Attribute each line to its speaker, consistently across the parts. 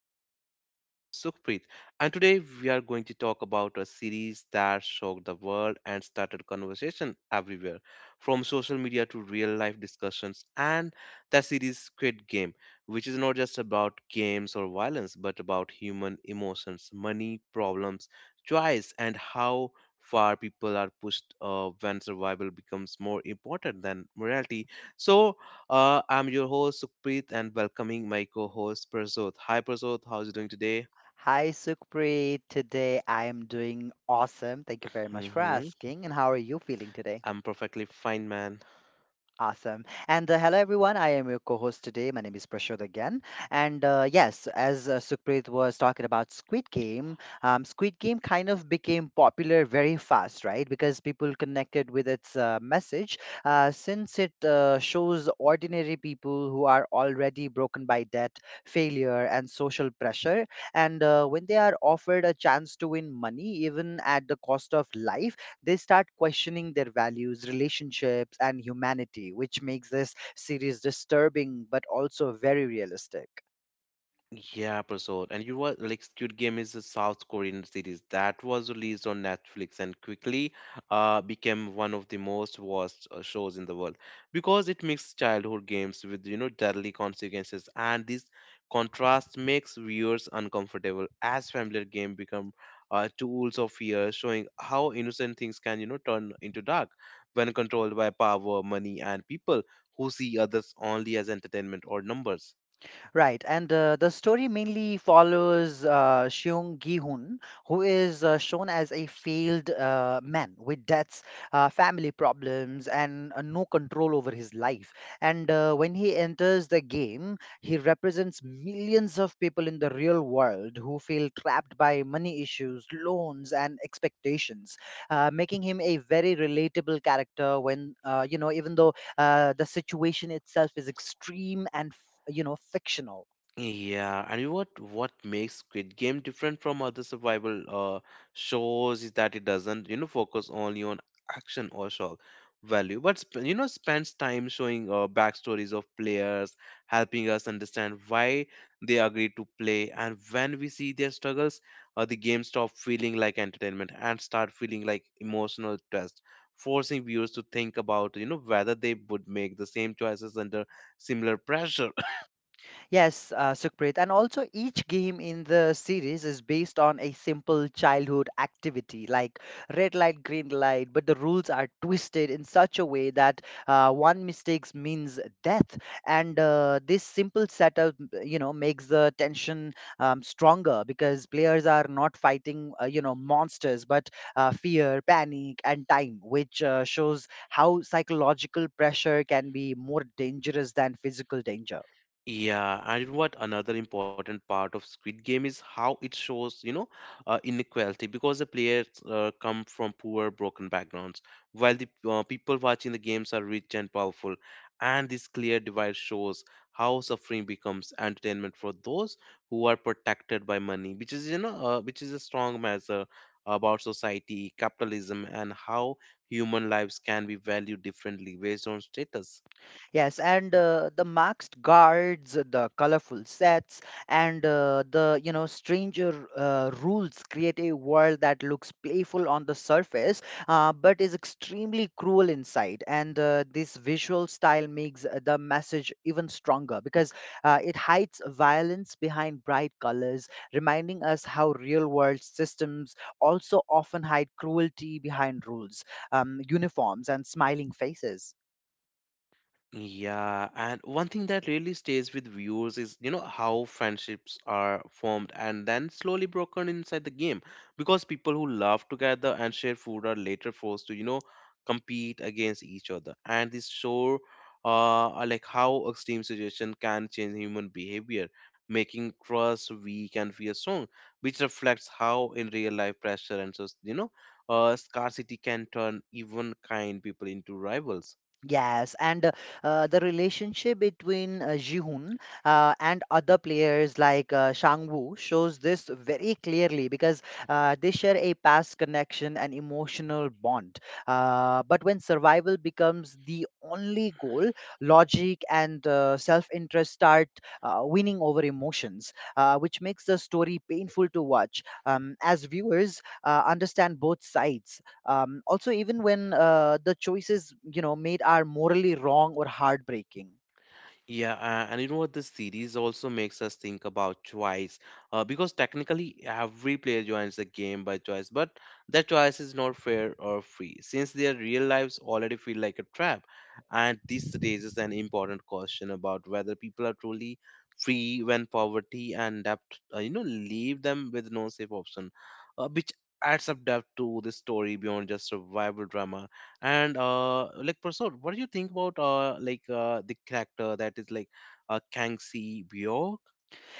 Speaker 1: podcast. I'm your host, Sukhpreet, and today we are going to talk about a series that shook the world and started conversation everywhere, from social media to real life discussions. And that series, Squid Game, which is not just about games or violence, but about human emotions, money, problems, choice, and how far people are pushed when survival becomes more important than morality. So, I'm your host Sukpreet and welcoming my co-host Prasoth. Hi Prasoth, how's it doing today?
Speaker 2: Hi, Sukhpreet. Today I am doing awesome. Thank you very much for
Speaker 1: hmm
Speaker 2: asking. And how are you feeling today?
Speaker 1: I'm perfectly fine, man.
Speaker 2: Awesome. And hello, everyone. I am your co host today. My name is Prashod again. And yes, as Sukhpreet was talking about Squid Game, Squid Game kind of became popular very fast, right? Because people connected with its message since it shows ordinary people who are already broken by debt, failure, and social pressure. And when they are offered a chance to win money, even at the cost of life, they start questioning their values, relationships, and humanity, which makes this series disturbing but also very realistic.
Speaker 1: Yeah, Prasad. And you were like Squid Game is a South Korean series that was released on Netflix and quickly became one of the most watched shows in the world because it mixed childhood games with deadly consequences, and this contrast makes viewers uncomfortable as familiar game become tools of fear, showing how innocent things can turn into dark when controlled by power, money, and people who see others only as entertainment or numbers.
Speaker 2: Right, and the story mainly follows Seung Gi-hun, who is shown as a failed man with debts, family problems, and no control over his life. And when he enters the game, he represents millions of people in the real world who feel trapped by money issues, loans, and expectations, making him a very relatable character. When even though the situation itself is extreme and fictional.
Speaker 1: Yeah, and what makes Squid Game different from other survival shows is that it doesn't focus only on action or shock value, but spends time showing backstories of players, helping us understand why they agree to play, and when we see their struggles, the game stop feeling like entertainment and start feeling like emotional test, forcing viewers to think about whether they would make the same choices under similar pressure.
Speaker 2: Yes, Sukhpreet. And also, each game in the series is based on a simple childhood activity like red light, green light, but the rules are twisted in such a way that one mistake means death. And this simple setup, makes the tension stronger because players are not fighting, monsters, but fear, panic, and time, which shows how psychological pressure can be more dangerous than physical danger.
Speaker 1: Yeah, and what another important part of Squid Game is how it shows inequality because the players come from poor, broken backgrounds, while the people watching the games are rich and powerful. And this clear divide shows how suffering becomes entertainment for those who are protected by money, which is a strong measure about society, capitalism, and how human lives can be valued differently based on status.
Speaker 2: Yes, and the masked guards, the colorful sets, and the stranger rules create a world that looks playful on the surface, but is extremely cruel inside. And this visual style makes the message even stronger because it hides violence behind bright colors, reminding us how real-world systems also often hide cruelty behind rules, uniforms, and smiling faces.
Speaker 1: Yeah, and one thing that really stays with viewers is how friendships are formed and then slowly broken inside the game because people who laugh together and share food are later forced to compete against each other. And this show, are like how extreme situation can change human behavior, making trust weak and fear strong, which reflects how in real life pressure and so scarcity can turn even kind people into rivals.
Speaker 2: Yes, and the relationship between Ji-hoon and other players like Shang-woo shows this very clearly because they share a past connection and emotional bond. But when survival becomes the only goal, logic and self-interest start winning over emotions, which makes the story painful to watch. As viewers, understand both sides also even when the choices made are morally wrong or heartbreaking.
Speaker 1: Yeah, and you know what? This series also makes us think about choice, because technically every player joins the game by choice, but that choice is not fair or free, since their real lives already feel like a trap. And this raises an important question about whether people are truly free when poverty and debt, leave them with no safe option, which adds up depth to the story beyond just survival drama and like Prasad, what do you think about like the character that is like Kangxi Bjork?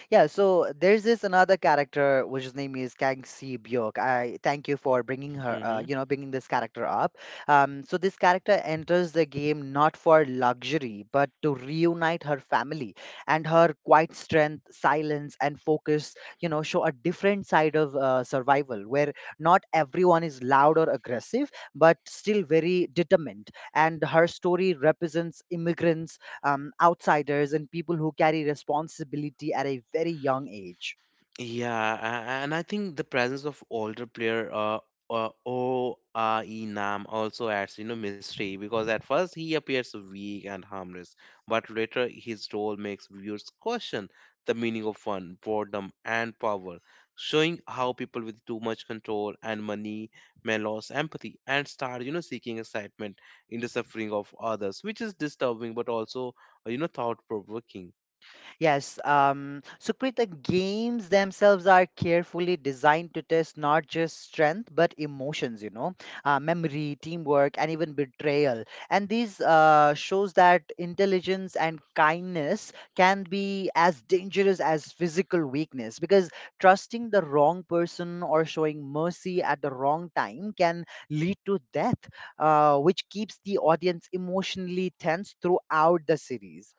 Speaker 2: Yeah, so there's this another character whose name is Kang Si Byok. I thank you for bringing her, bringing this character up. So this character enters the game not for luxury, but to reunite her family and her quiet strength, silence, and focus. You know, show a different side of survival where not everyone is loud or aggressive, but still very determined. And her story represents immigrants, outsiders, and people who carry responsibility at a very young age.
Speaker 1: Yeah, and I think the presence of older player ORE Nam also adds mystery because at first he appears weak and harmless, but later his role makes viewers question the meaning of fun, boredom, and power, showing how people with too much control and money may lose empathy and start seeking excitement in the suffering of others, which is disturbing but also, thought-provoking.
Speaker 2: Yes, Sukrit, the games themselves are carefully designed to test not just strength but emotions, memory, teamwork, and even betrayal. And these shows that intelligence and kindness can be as dangerous as physical weakness because trusting the wrong person or showing mercy at the wrong time can lead to death, which keeps the audience emotionally tense throughout the series.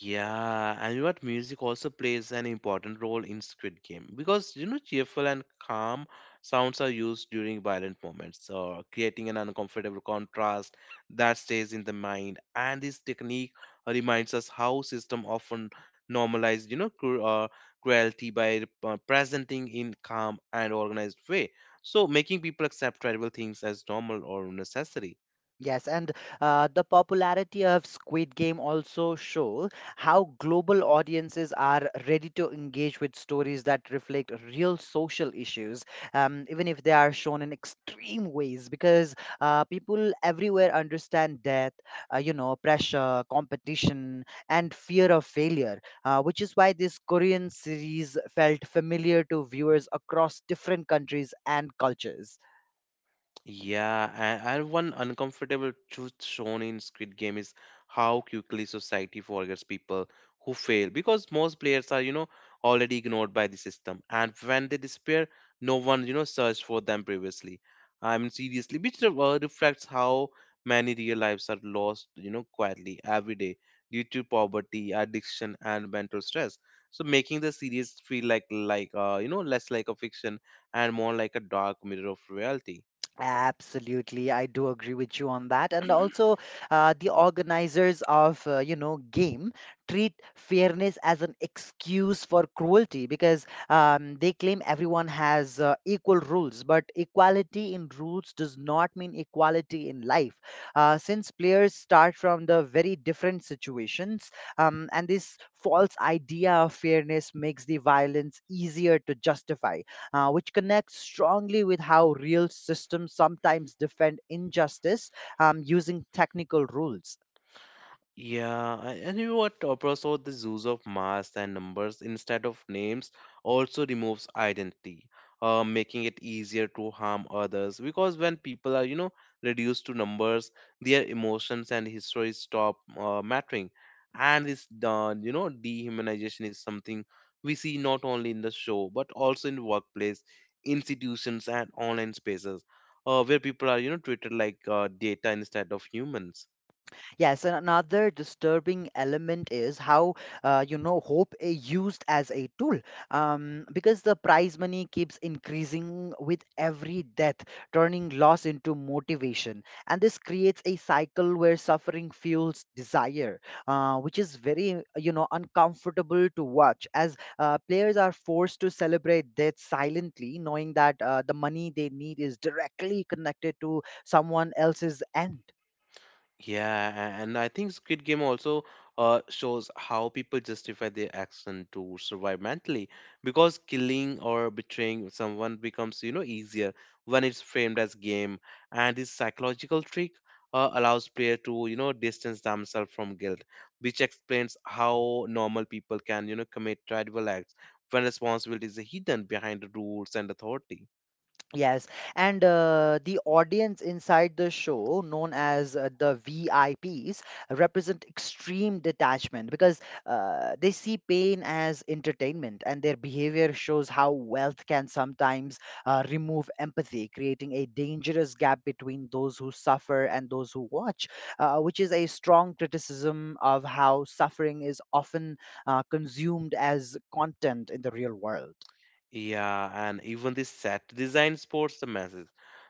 Speaker 1: Yeah, and you know what? Music also plays an important role in Squid Game because cheerful and calm sounds are used during violent moments, creating an uncomfortable contrast that stays in the mind. And this technique reminds us how system often normalize cruelty by presenting in calm and organized way, so making people accept trivial things as normal or necessary.
Speaker 2: Yes, and the popularity of Squid Game also show how global audiences are ready to engage with stories that reflect real social issues, even if they are shown in extreme ways, because people everywhere understand death, pressure, competition, and fear of failure, which is why this Korean series felt familiar to viewers across different countries and cultures.
Speaker 1: Yeah, and one uncomfortable truth shown in Squid Game is how quickly society forgets people who fail because most players are already ignored by the system. And when they disappear, no one searched for them previously. I mean, seriously, which reflects how many real lives are lost quietly every day due to poverty, addiction, and mental stress. So making the series feel like, less like a fiction and more like a dark mirror of reality.
Speaker 2: Absolutely, I do agree with you on that. And also, the organizers of game treat fairness as an excuse for cruelty because they claim everyone has equal rules. But equality in rules does not mean equality in life, since players start from the very different situations. And this false idea of fairness makes the violence easier to justify, which connects strongly with how real systems sometimes defend injustice, using technical rules.
Speaker 1: Yeah, and you know what? Opera saw the use of masks and numbers instead of names also removes identity, making it easier to harm others. Because when people are reduced to numbers, their emotions and histories stop mattering. And this dehumanization is something we see not only in the show but also in workplace, institutions, and online spaces, where people are treated like data instead of humans.
Speaker 2: Yes, and another disturbing element is how hope is used as a tool, because the prize money keeps increasing with every death, turning loss into motivation, and this creates a cycle where suffering fuels desire, which is very uncomfortable to watch as players are forced to celebrate death silently, knowing that the money they need is directly connected to someone else's end.
Speaker 1: Yeah, and I think Squid Game also shows how people justify their action to survive mentally because killing or betraying someone becomes easier when it's framed as game. And this psychological trick allows player to distance themselves from guilt, which explains how normal people can commit tribal acts when responsibility is hidden behind the rules and authority.
Speaker 2: Yes, and the audience inside the show, known as the VIPs, represent extreme detachment because they see pain as entertainment, and their behavior shows how wealth can sometimes remove empathy, creating a dangerous gap between those who suffer and those who watch, which is a strong criticism of how suffering is often consumed as content in the real world.
Speaker 1: Yeah, and even the set design sports the message.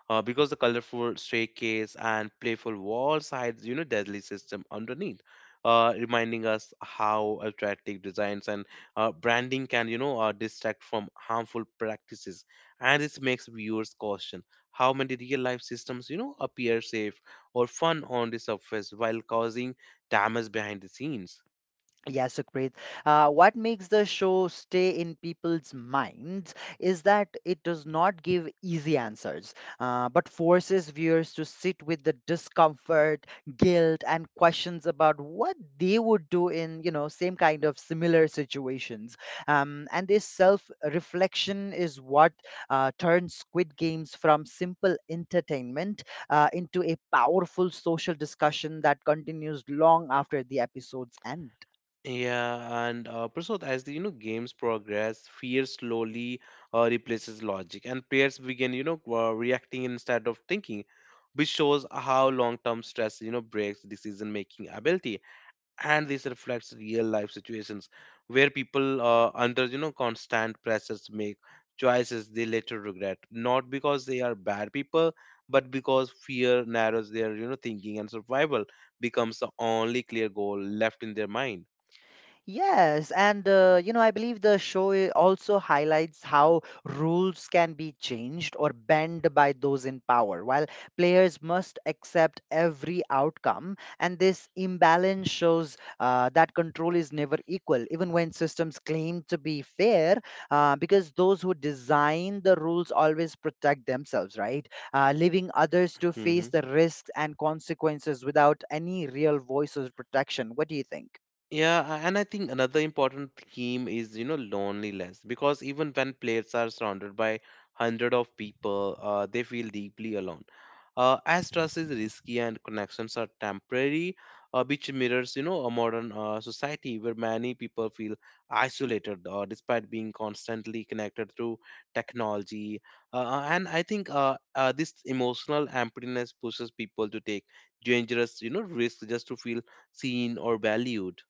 Speaker 1: Because the colorful staircase and playful walls hides deadly system underneath, reminding us how attractive designs and branding can distract from harmful practices. And this makes viewers caution how many real-life systems appear safe or fun on the surface while causing damage behind the scenes.
Speaker 2: Yeah, Sukrit. What makes the show stay in people's minds is that it does not give easy answers, but forces viewers to sit with the discomfort, guilt, and questions about what they would do in, same kind of similar situations. And this self-reflection is what turns Squid Games from simple entertainment into a powerful social discussion that continues long after the episode's end.
Speaker 1: Yeah, and Prasad, as the games progress, fear slowly replaces logic, and players begin reacting instead of thinking, which shows how long-term stress breaks decision-making ability, and this reflects real-life situations where people under constant pressures make choices they later regret, not because they are bad people, but because fear narrows their thinking, and survival becomes the only clear goal left in their mind.
Speaker 2: Yes, and I believe the show also highlights how rules can be changed or bent by those in power, while players must accept every outcome. And this imbalance shows that control is never equal, even when systems claim to be fair, because those who design the rules always protect themselves, right? Leaving others to face
Speaker 1: Mm-hmm.
Speaker 2: the risks and consequences without any real voice or protection. What do you think?
Speaker 1: Yeah, and I think another important theme is loneliness because even when players are surrounded by 100 of people, they feel deeply alone. As trust is risky and connections are temporary, which mirrors a modern society where many people feel isolated despite being constantly connected through technology. And I think this emotional emptiness pushes people to take dangerous risks just to feel seen or valued.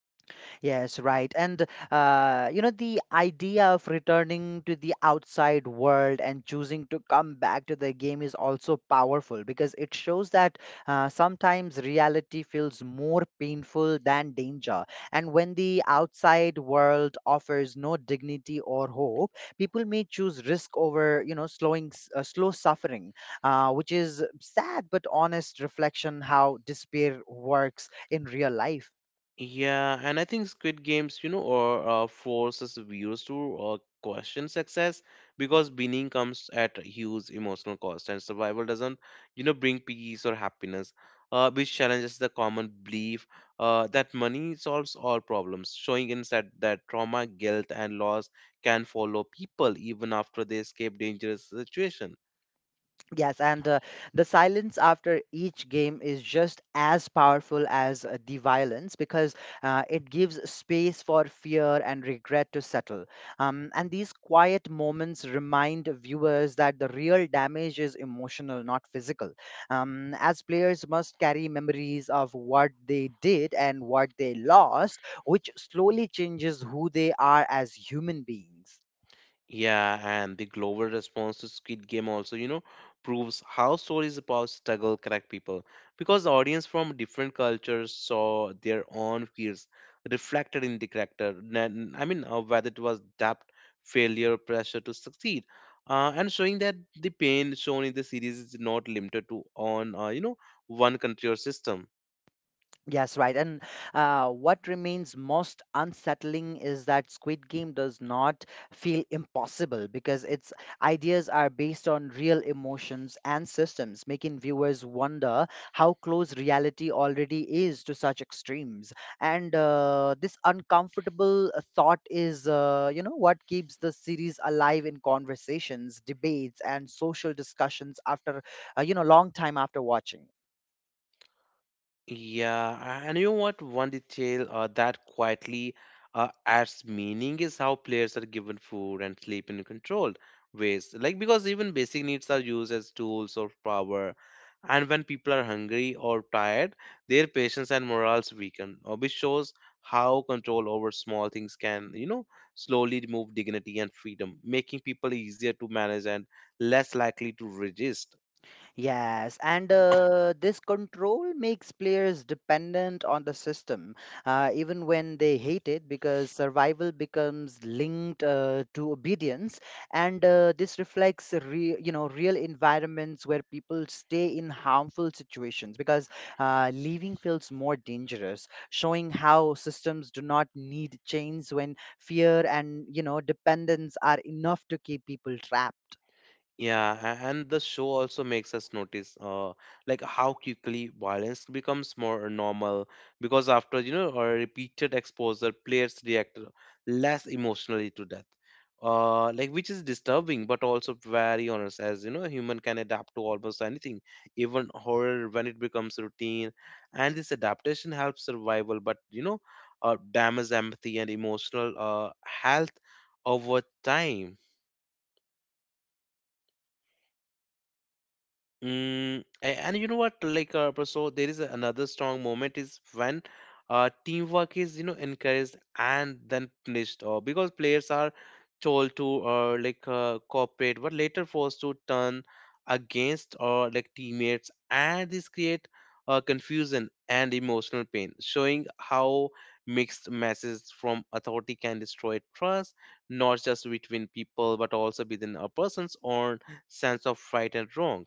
Speaker 2: Yes, right. And the idea of returning to the outside world and choosing to come back to the game is also powerful because it shows that sometimes reality feels more painful than danger. And when the outside world offers no dignity or hope, people may choose risk over, slow suffering, which is sad but honest reflection how despair works in real life.
Speaker 1: Yeah, and I think Squid Games or forces viewers to question success because winning comes at a huge emotional cost, and survival doesn't bring peace or happiness, which challenges the common belief that money solves all problems, showing instead that trauma, guilt, and loss can follow people even after they escape dangerous situation.
Speaker 2: Yes, and the silence after each game is just as powerful as the violence because it gives space for fear and regret to settle. And these quiet moments remind viewers that the real damage is emotional, not physical. As players must carry memories of what they did and what they lost, which slowly changes who they are as human beings.
Speaker 1: Yeah, and the global response to Squid Game also proves how stories about struggle connect people because the audience from different cultures saw their own fears reflected in the character. I mean, whether it was doubt, failure, pressure to succeed, and showing that the pain shown in the series is not limited to one country or system.
Speaker 2: Yes, right. And what remains most unsettling is that Squid Game does not feel impossible because its ideas are based on real emotions and systems, making viewers wonder how close reality already is to such extremes. And this uncomfortable thought is, what keeps the series alive in conversations, debates, and social discussions after, long time after watching.
Speaker 1: Yeah, and you know what? One detail that quietly adds meaning is how players are given food and sleep in controlled ways. Like, because even basic needs are used as tools or power. And when people are hungry or tired, their patience and morals weaken, which shows how control over small things can slowly remove dignity and freedom, making people easier to manage and less likely to resist.
Speaker 2: Yes, and this control makes players dependent on the system, even when they hate it, because survival becomes linked to obedience, and this reflects real environments where people stay in harmful situations because leaving feels more dangerous, showing how systems do not need chains when fear and dependence are enough to keep people trapped.
Speaker 1: Yeah, and the show also makes us notice, like how quickly violence becomes more normal because after a repeated exposure, players react less emotionally to death. Like which is disturbing, but also very honest, as you know, a human can adapt to almost anything, even horror when it becomes routine. And this adaptation helps survival, but damages empathy and emotional health over time. And you know what? Like, so there is another strong moment is when teamwork is encouraged and then punished, because players are told to like cooperate, but later forced to turn against or like teammates, and this create confusion and emotional pain, showing how mixed messages from authority can destroy trust, not just between people but also within a person's own sense of right and wrong.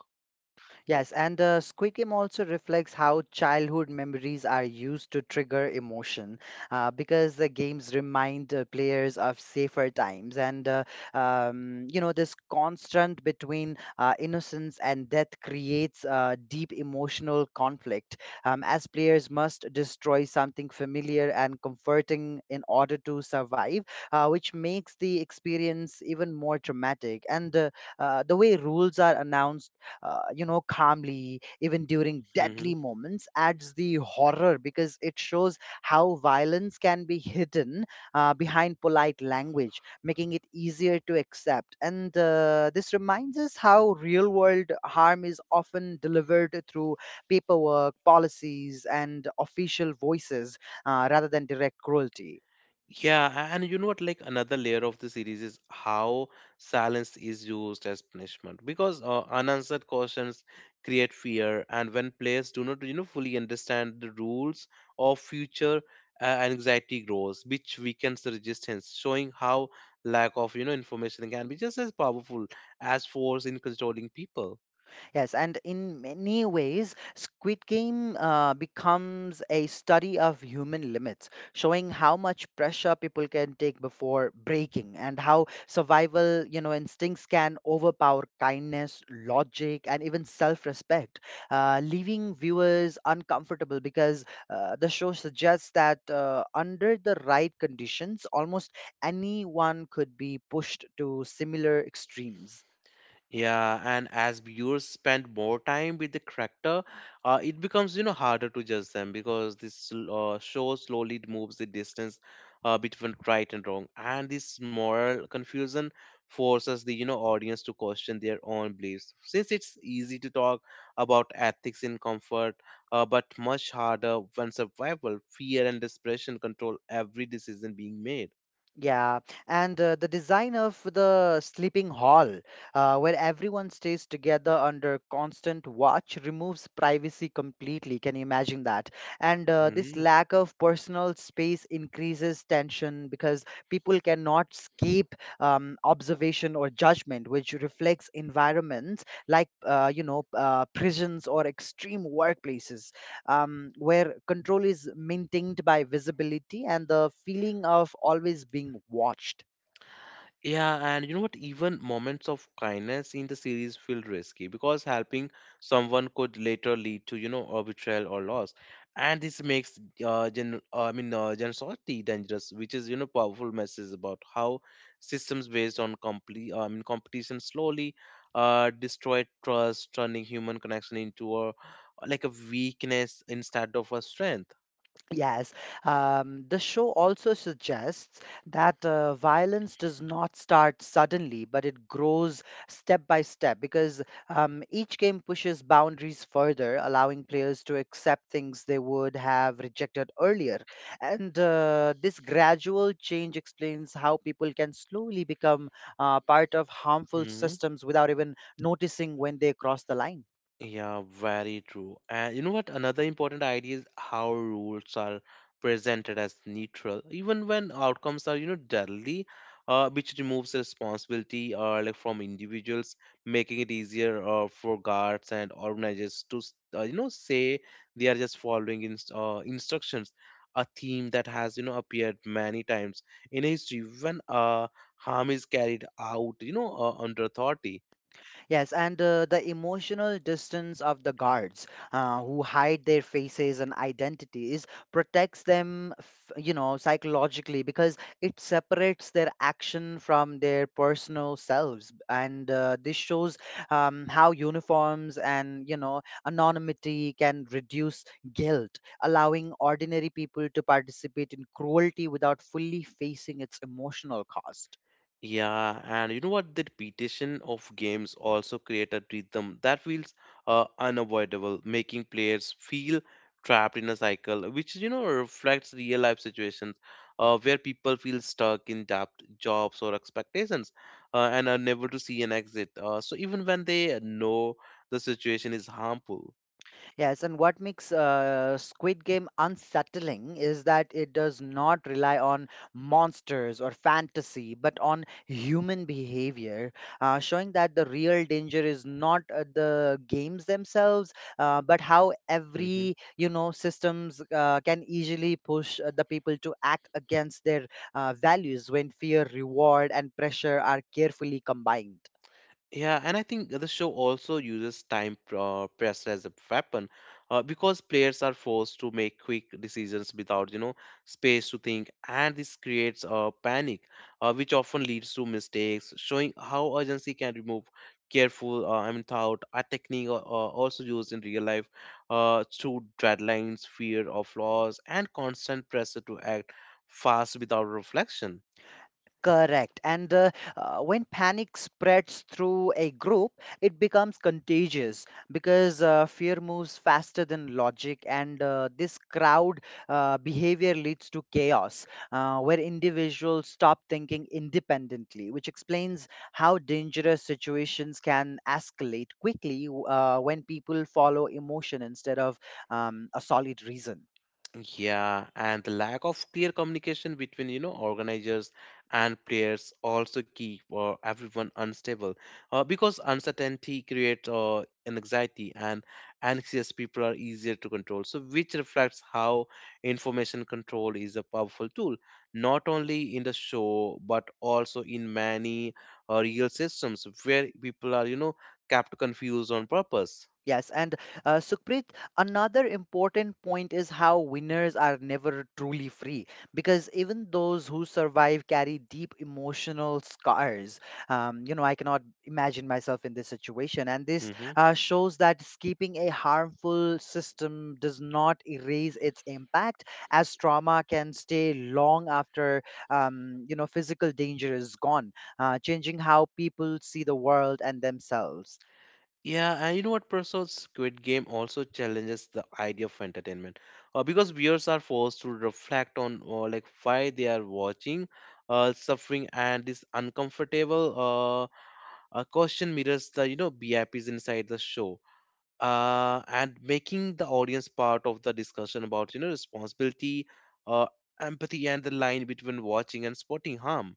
Speaker 2: Yes, and the Squid Game also reflects how childhood memories are used to trigger emotion because the games remind players of safer times and, this constant between innocence and death creates deep emotional conflict, as players must destroy something familiar and comforting in order to survive, which makes the experience even more traumatic. And the way rules are announced calmly, even during deadly
Speaker 1: hmm
Speaker 2: moments, adds the horror because it shows how violence can be hidden behind polite language, making it easier to accept. And this reminds us how real world harm is often delivered through paperwork, policies, and official voices, rather than direct cruelty.
Speaker 1: Yeah, and you know what? Like another layer of the series is how silence is used as punishment because unanswered questions create fear, and when players do not fully understand the rules of future, anxiety grows, which weakens the resistance, showing how lack of information can be just as powerful as force in controlling people.
Speaker 2: Yes, and in many ways, Squid Game becomes a study of human limits, showing how much pressure people can take before breaking, and how survival, instincts can overpower kindness, logic, and even self-respect, leaving viewers uncomfortable because the show suggests that under the right conditions, almost anyone could be pushed to similar extremes.
Speaker 1: Yeah, and as viewers spend more time with the character, it becomes harder to judge them because this show slowly moves the distance between right and wrong, and this moral confusion forces the audience to question their own beliefs. Since it's easy to talk about ethics in comfort, but much harder when survival, fear, and desperation control every decision being made.
Speaker 2: Yeah, and the design of the sleeping hall, where everyone stays together under constant watch, removes privacy completely. Can you imagine that? And this
Speaker 1: Hmm.
Speaker 2: lack of personal space increases tension because people cannot escape observation or judgment, which reflects environments like, prisons or extreme workplaces where control is maintained by visibility and the feeling of always being watched.
Speaker 1: Yeah, and you know what? Even moments of kindness in the series feel risky because helping someone could later lead to a betrayal or loss. And this makes generosity dangerous, which is powerful message about how systems based on competition slowly destroy trust, turning human connection into a weakness instead of a strength.
Speaker 2: Yes, the show also suggests that violence does not start suddenly, but it grows step by step because each game pushes boundaries further, allowing players to accept things they would have rejected earlier. And this gradual change explains how people can slowly become part of harmful
Speaker 1: Mm-hmm.
Speaker 2: systems without even noticing when they cross the line.
Speaker 1: Yeah, very true. And you know what? Another important idea is how rules are presented as neutral, even when outcomes are deadly, which removes responsibility like from individuals, making it easier for guards and organizers to say they are just following instructions. A theme that has appeared many times in history when harm is carried out under authority.
Speaker 2: Yes, and the emotional distance of the guards who hide their faces and identities protects them, psychologically because it separates their action from their personal selves. And this shows how uniforms and, anonymity can reduce guilt, allowing ordinary people to participate in cruelty without fully facing its emotional cost.
Speaker 1: Yeah, and you know what? The repetition of games also create a rhythm that feels unavoidable, making players feel trapped in a cycle, which reflects real life situations where people feel stuck in debt, jobs or expectations, and are never to see an exit. So even when they know the situation is harmful.
Speaker 2: Yes, and what makes Squid Game unsettling is that it does not rely on monsters or fantasy, but on human behavior, showing that the real danger is not the games themselves, but how every systems can easily push the people to act against their values when fear, reward, and pressure are carefully combined.
Speaker 1: Yeah, and I think the show also uses time pressed as a weapon, because players are forced to make quick decisions without space to think, and this creates a panic, which often leads to mistakes. Showing how urgency can remove careful thought. A technique also used in real life through deadlines, fear of loss, and constant pressure to act fast without reflection.
Speaker 2: Correct. And when panic spreads through a group, it becomes contagious because fear moves faster than logic, and this crowd behavior leads to chaos where individuals stop thinking independently, which explains how dangerous situations can escalate quickly when people follow emotion instead of a solid reason.
Speaker 1: Yeah, and the lack of clear communication between organizers and players also keep everyone unstable. Because uncertainty creates anxiety, and anxious people are easier to control. So, which reflects how information control is a powerful tool, not only in the show but also in many real systems where people are kept confused on purpose.
Speaker 2: Yes, and Sukhpreet, another important point is how winners are never truly free because even those who survive carry deep emotional scars. I cannot imagine myself in this situation, and this
Speaker 1: Mm-hmm.
Speaker 2: shows that escaping a harmful system does not erase its impact, as trauma can stay long after physical danger is gone, changing how people see the world and themselves.
Speaker 1: Yeah, and you know what, Professor? Squid Game also challenges the idea of entertainment, because viewers are forced to reflect on like why they are watching, suffering, and this uncomfortable question mirrors the BIPs inside the show, and making the audience part of the discussion about responsibility, uh, empathy, and the line between watching and spotting harm.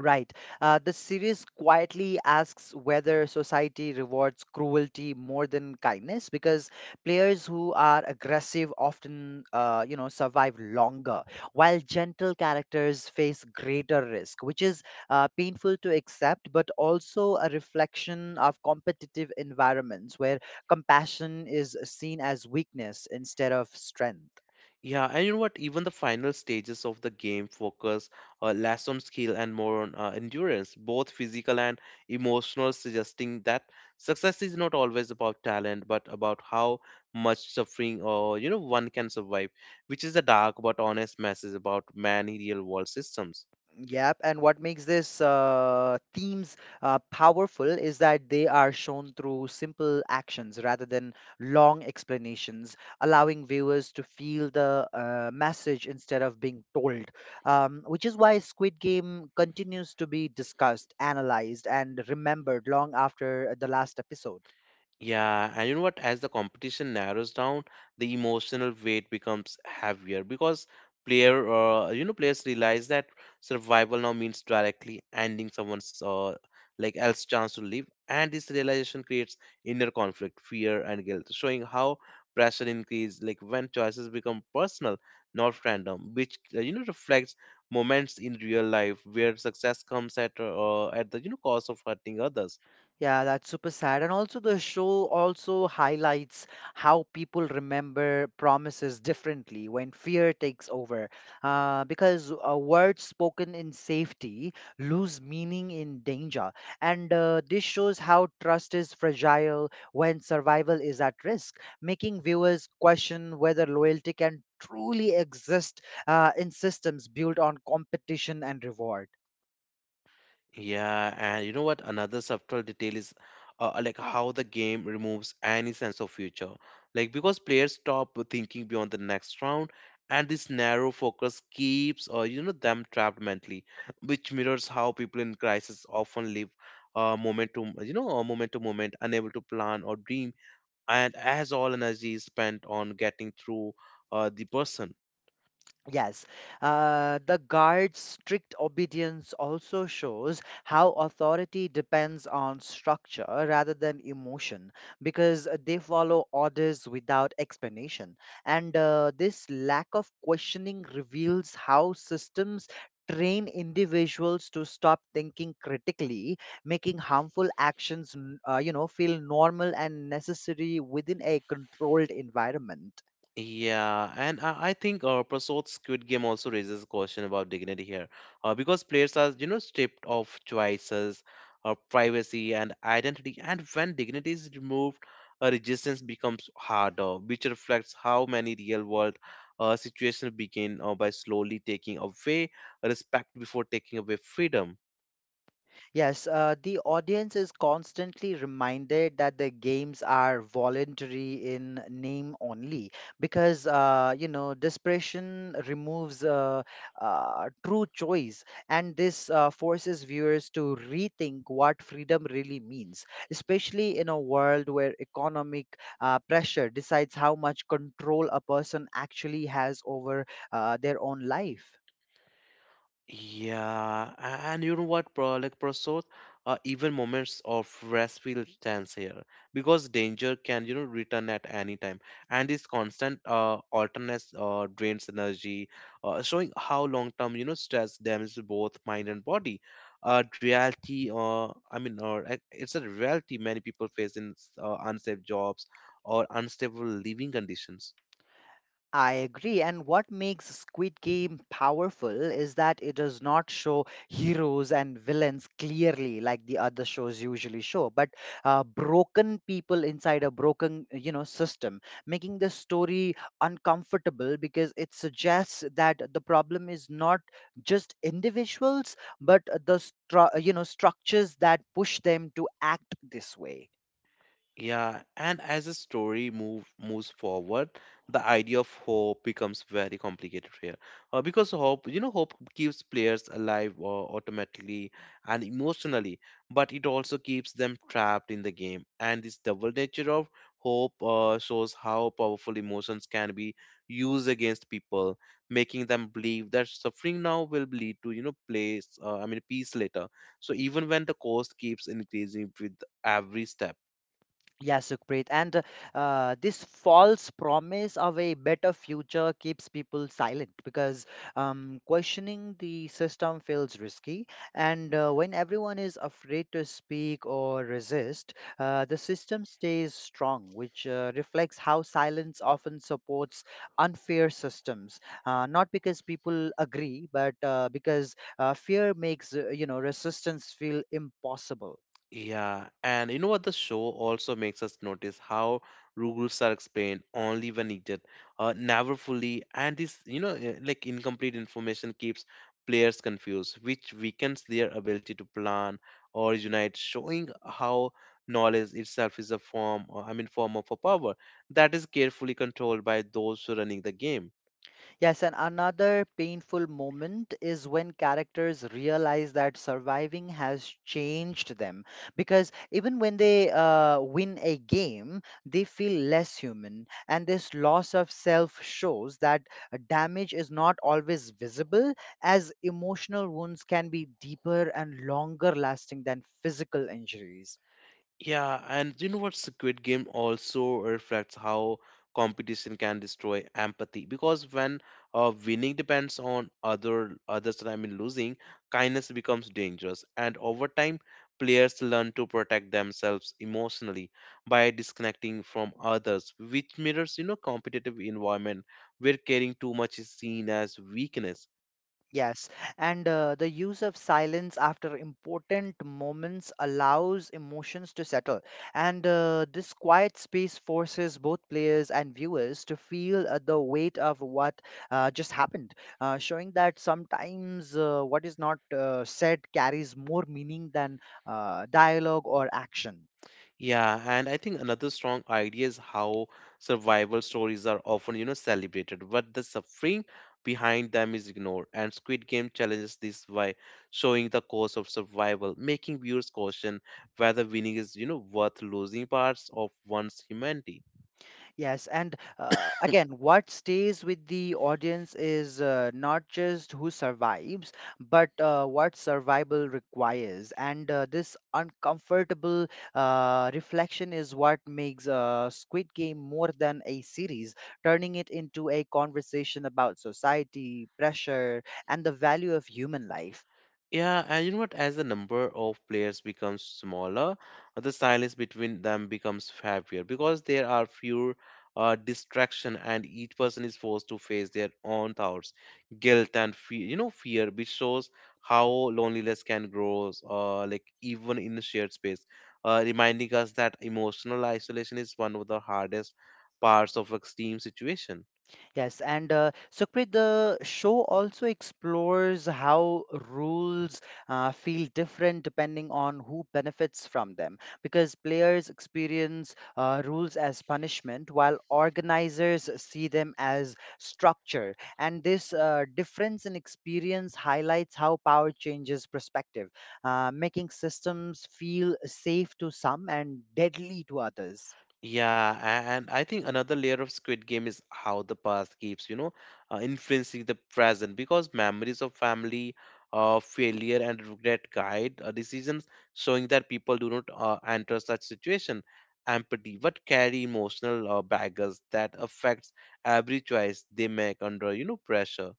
Speaker 2: Right. The series quietly asks whether society rewards cruelty more than kindness because players who are aggressive often, survive longer, while gentle characters face greater risk, which is painful to accept, but also a reflection of competitive environments where compassion is seen as weakness instead of strength.
Speaker 1: Yeah, and you know what? Even the final stages of the game focus less on skill and more on endurance, both physical and emotional, suggesting that success is not always about talent, but about how much suffering or one can survive, which is a dark but honest message about many real world systems.
Speaker 2: Yep, and what makes this themes powerful is that they are shown through simple actions rather than long explanations, allowing viewers to feel the message instead of being told. Which is why Squid Game continues to be discussed, analyzed, and remembered long after the last episode.
Speaker 1: Yeah, and you know what? As the competition narrows down, the emotional weight becomes heavier because players realize that survival now means directly ending someone's like else chance to live, and this realization creates inner conflict, fear, and guilt, showing how pressure increases like when choices become personal, not random, which reflects moments in real life where success comes at the cost of hurting others.
Speaker 2: Yeah, that's super sad. And also, the show also highlights how people remember promises differently when fear takes over. Because words spoken in safety lose meaning in danger. And this shows how trust is fragile when survival is at risk, making viewers question whether loyalty can truly exist in systems built on competition and reward.
Speaker 1: Yeah, and you know what? Another subtle detail is like how the game removes any sense of future. Like because players stop thinking beyond the next round, and this narrow focus keeps them trapped mentally, which mirrors how people in crisis often live moment to moment to moment, unable to plan or dream, and as all energy is spent on getting through the person.
Speaker 2: Yes, the guard's strict obedience also shows how authority depends on structure rather than emotion because they follow orders without explanation. And this lack of questioning reveals how systems train individuals to stop thinking critically, making harmful actions, feel normal and necessary within a controlled environment.
Speaker 1: Yeah, and I think Prasod's Squid Game also raises a question about dignity here, because players are stripped of choices, privacy, and identity, and when dignity is removed, resistance becomes harder, which reflects how many real-world situations begin by slowly taking away respect before taking away freedom.
Speaker 2: Yes, the audience is constantly reminded that the games are voluntary in name only because, desperation removes true choice, and this forces viewers to rethink what freedom really means, especially in a world where economic pressure decides how much control a person actually has over their own life.
Speaker 1: Yeah, and you know what, bro, like Prasad, even moments of rest feel tense here because danger can return at any time, and this constant alternates drains energy, showing how long-term stress damages both mind and body. I mean, or like, it's a reality many people face in unsafe jobs or unstable living conditions.
Speaker 2: I agree. And what makes Squid Game powerful is that it does not show heroes and villains clearly like the other shows usually show, but broken people inside a broken, system, making the story uncomfortable because it suggests that the problem is not just individuals, but the structures that push them to act this way.
Speaker 1: Yeah, and as the story moves forward, the idea of hope becomes very complicated here. Because hope keeps players alive automatically and emotionally, but it also keeps them trapped in the game. And this double nature of hope shows how powerful emotions can be used against people, making them believe that suffering now will lead to peace later. So even when the cost keeps increasing with every step.
Speaker 2: Yeah, Sukhpreet. And this false promise of a better future keeps people silent because questioning the system feels risky. And when everyone is afraid to speak or resist, the system stays strong, which reflects how silence often supports unfair systems. Not because people agree, but because fear makes resistance feel impossible.
Speaker 1: Yeah, and you know what? The show also makes us notice how rules are explained only when needed, never fully, and this like incomplete information keeps players confused, which weakens their ability to plan or unite, showing how knowledge itself is a form, or, I mean, form of a power that is carefully controlled by those running the game.
Speaker 2: Yes, and another painful moment is when characters realize that surviving has changed them. Because even when they win a game, they feel less human. And this loss of self shows that damage is not always visible, as emotional wounds can be deeper and longer lasting than physical injuries.
Speaker 1: Yeah, and you know what? Squid Game also reflects how competition can destroy empathy because when winning depends on others, and I mean losing, kindness becomes dangerous, and over time, players learn to protect themselves emotionally by disconnecting from others, which mirrors competitive environment where caring too much is seen as weakness.
Speaker 2: Yes, and the use of silence after important moments allows emotions to settle. And this quiet space forces both players and viewers to feel the weight of what just happened, showing that sometimes what is not said carries more meaning than dialogue or action.
Speaker 1: Yeah, and I think another strong idea is how survival stories are often celebrated, but the suffering behind them is ignored. And Squid Game challenges this by showing the cost of survival, making viewers question whether winning is worth losing parts of one's humanity.
Speaker 2: Yes, and again, what stays with the audience is not just who survives, but what survival requires. And this uncomfortable reflection is what makes Squid Game more than a series, turning it into a conversation about society, pressure, and the value of human life.
Speaker 1: Yeah, and you know what? As the number of players becomes smaller, the silence between them becomes heavier because there are fewer distraction, and each person is forced to face their own thoughts, guilt, and fear, which shows how loneliness can grow, like even in the shared space, reminding us that emotional isolation is one of the hardest parts of extreme situation.
Speaker 2: Yes, and Sukrit, the show also explores how rules feel different depending on who benefits from them, because players experience rules as punishment, while organizers see them as structure. And this difference in experience highlights how power changes perspective, making systems feel safe to some and deadly to others.
Speaker 1: Yeah, and I think another layer of Squid Game is how the past keeps influencing the present because memories of family, failure, and regret guide decisions, showing that people do not enter such situation empty but carry emotional baggage that affects every choice they make under pressure.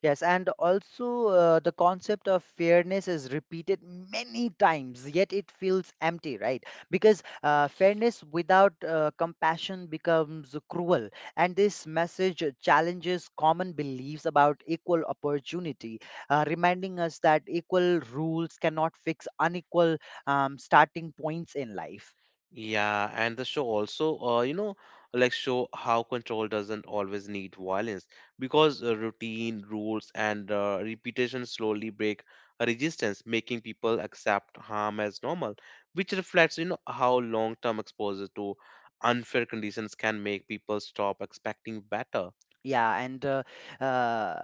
Speaker 2: Yes, and also the concept of fairness is repeated many times, yet it feels empty, right? Because fairness without compassion becomes cruel. And this message challenges common beliefs about equal opportunity, reminding us that equal rules cannot fix unequal starting points in life.
Speaker 1: Yeah, and the show also, like show how control doesn't always need violence because routine, rules, and repetition slowly break resistance, making people accept harm as normal, which reflects how long-term exposure to unfair conditions can make people stop expecting better.
Speaker 2: Yeah, and uh,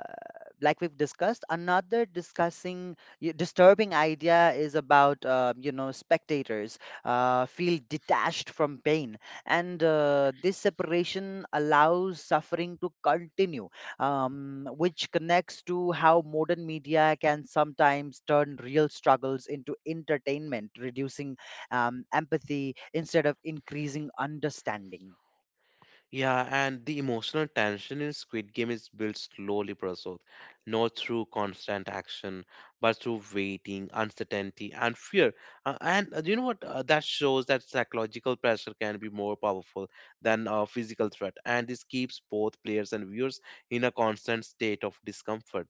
Speaker 2: like we've discussed, another disturbing idea is about spectators feel detached from pain, and this separation allows suffering to continue, which connects to how modern media can sometimes turn real struggles into entertainment, reducing empathy instead of increasing understanding.
Speaker 1: Yeah, and the emotional tension in Squid Game is built slowly, Prasad, not through constant action, but through waiting, uncertainty, and fear. And you know what? That shows that psychological pressure can be more powerful than a physical threat, and this keeps both players and viewers in a constant state of discomfort.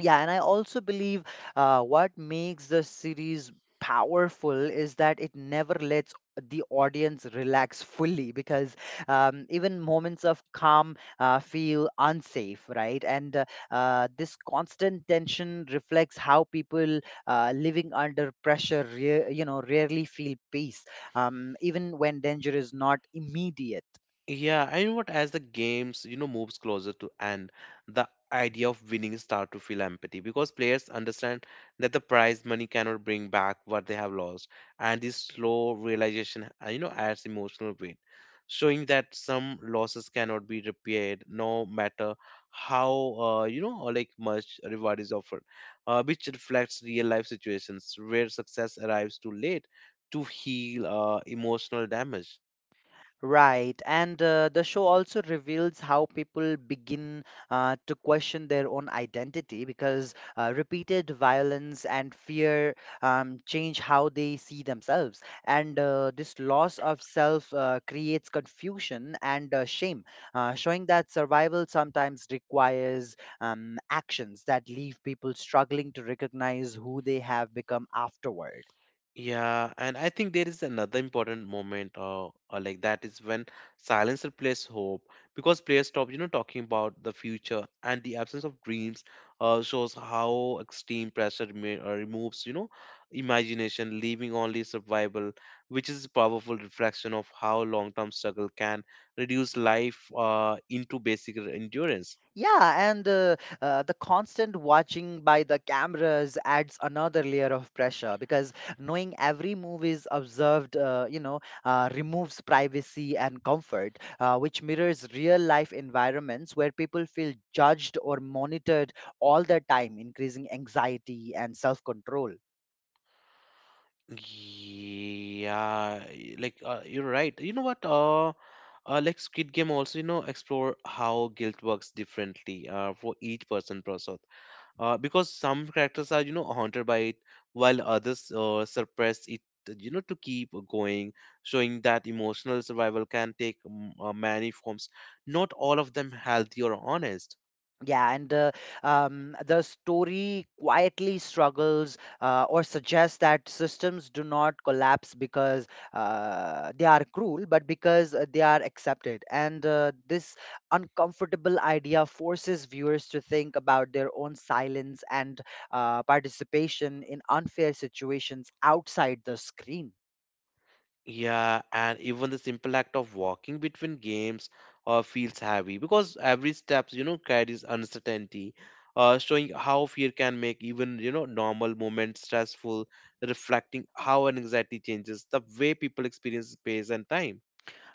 Speaker 2: Yeah, and I also believe what makes the series powerful is that it never lets the audience relax fully because even moments of calm feel unsafe, right? And this constant tension reflects how people living under pressure, rarely feel peace, even when danger is not immediate.
Speaker 1: Yeah, I know what as the games moves closer to end, the idea of winning start to feel empathy because players understand that the prize money cannot bring back what they have lost, and this slow realization, adds emotional weight, showing that some losses cannot be repaired, no matter how or like much reward is offered, which reflects real life situations where success arrives too late to heal emotional damage.
Speaker 2: Right, and the show also reveals how people begin to question their own identity because repeated violence and fear change how they see themselves. And this loss of self creates confusion and shame, showing that survival sometimes requires actions that leave people struggling to recognize who they have become afterward.
Speaker 1: Yeah, and I think there is another important moment, like that is when silence replaces hope because players stop talking about the future and the absence of dreams, shows how extreme pressure removes imagination, leaving only survival, which is a powerful reflection of how long-term struggle can reduce life, into basic endurance.
Speaker 2: Yeah, and the constant watching by the cameras adds another layer of pressure because knowing every move is observed, removes privacy and comfort, which mirrors real life environments where people feel judged or monitored all the time, increasing anxiety and self control.
Speaker 1: Yeah, like you're right. You know what? Like Squid Game also, explore how guilt works differently for each person process. Because some characters are, you know, haunted by it, while others suppress it, you know, to keep going, showing that emotional survival can take many forms. Not all of them healthy or honest.
Speaker 2: Yeah, and the story quietly struggles or suggests that systems do not collapse because they are cruel, but because they are accepted. And this uncomfortable idea forces viewers to think about their own silence and participation in unfair situations outside the screen.
Speaker 1: Yeah, and even the simple act of walking between games feels heavy because every steps, you know, carries uncertainty, showing how fear can make even, you know, normal moments stressful, reflecting how anxiety changes the way people experience space and time.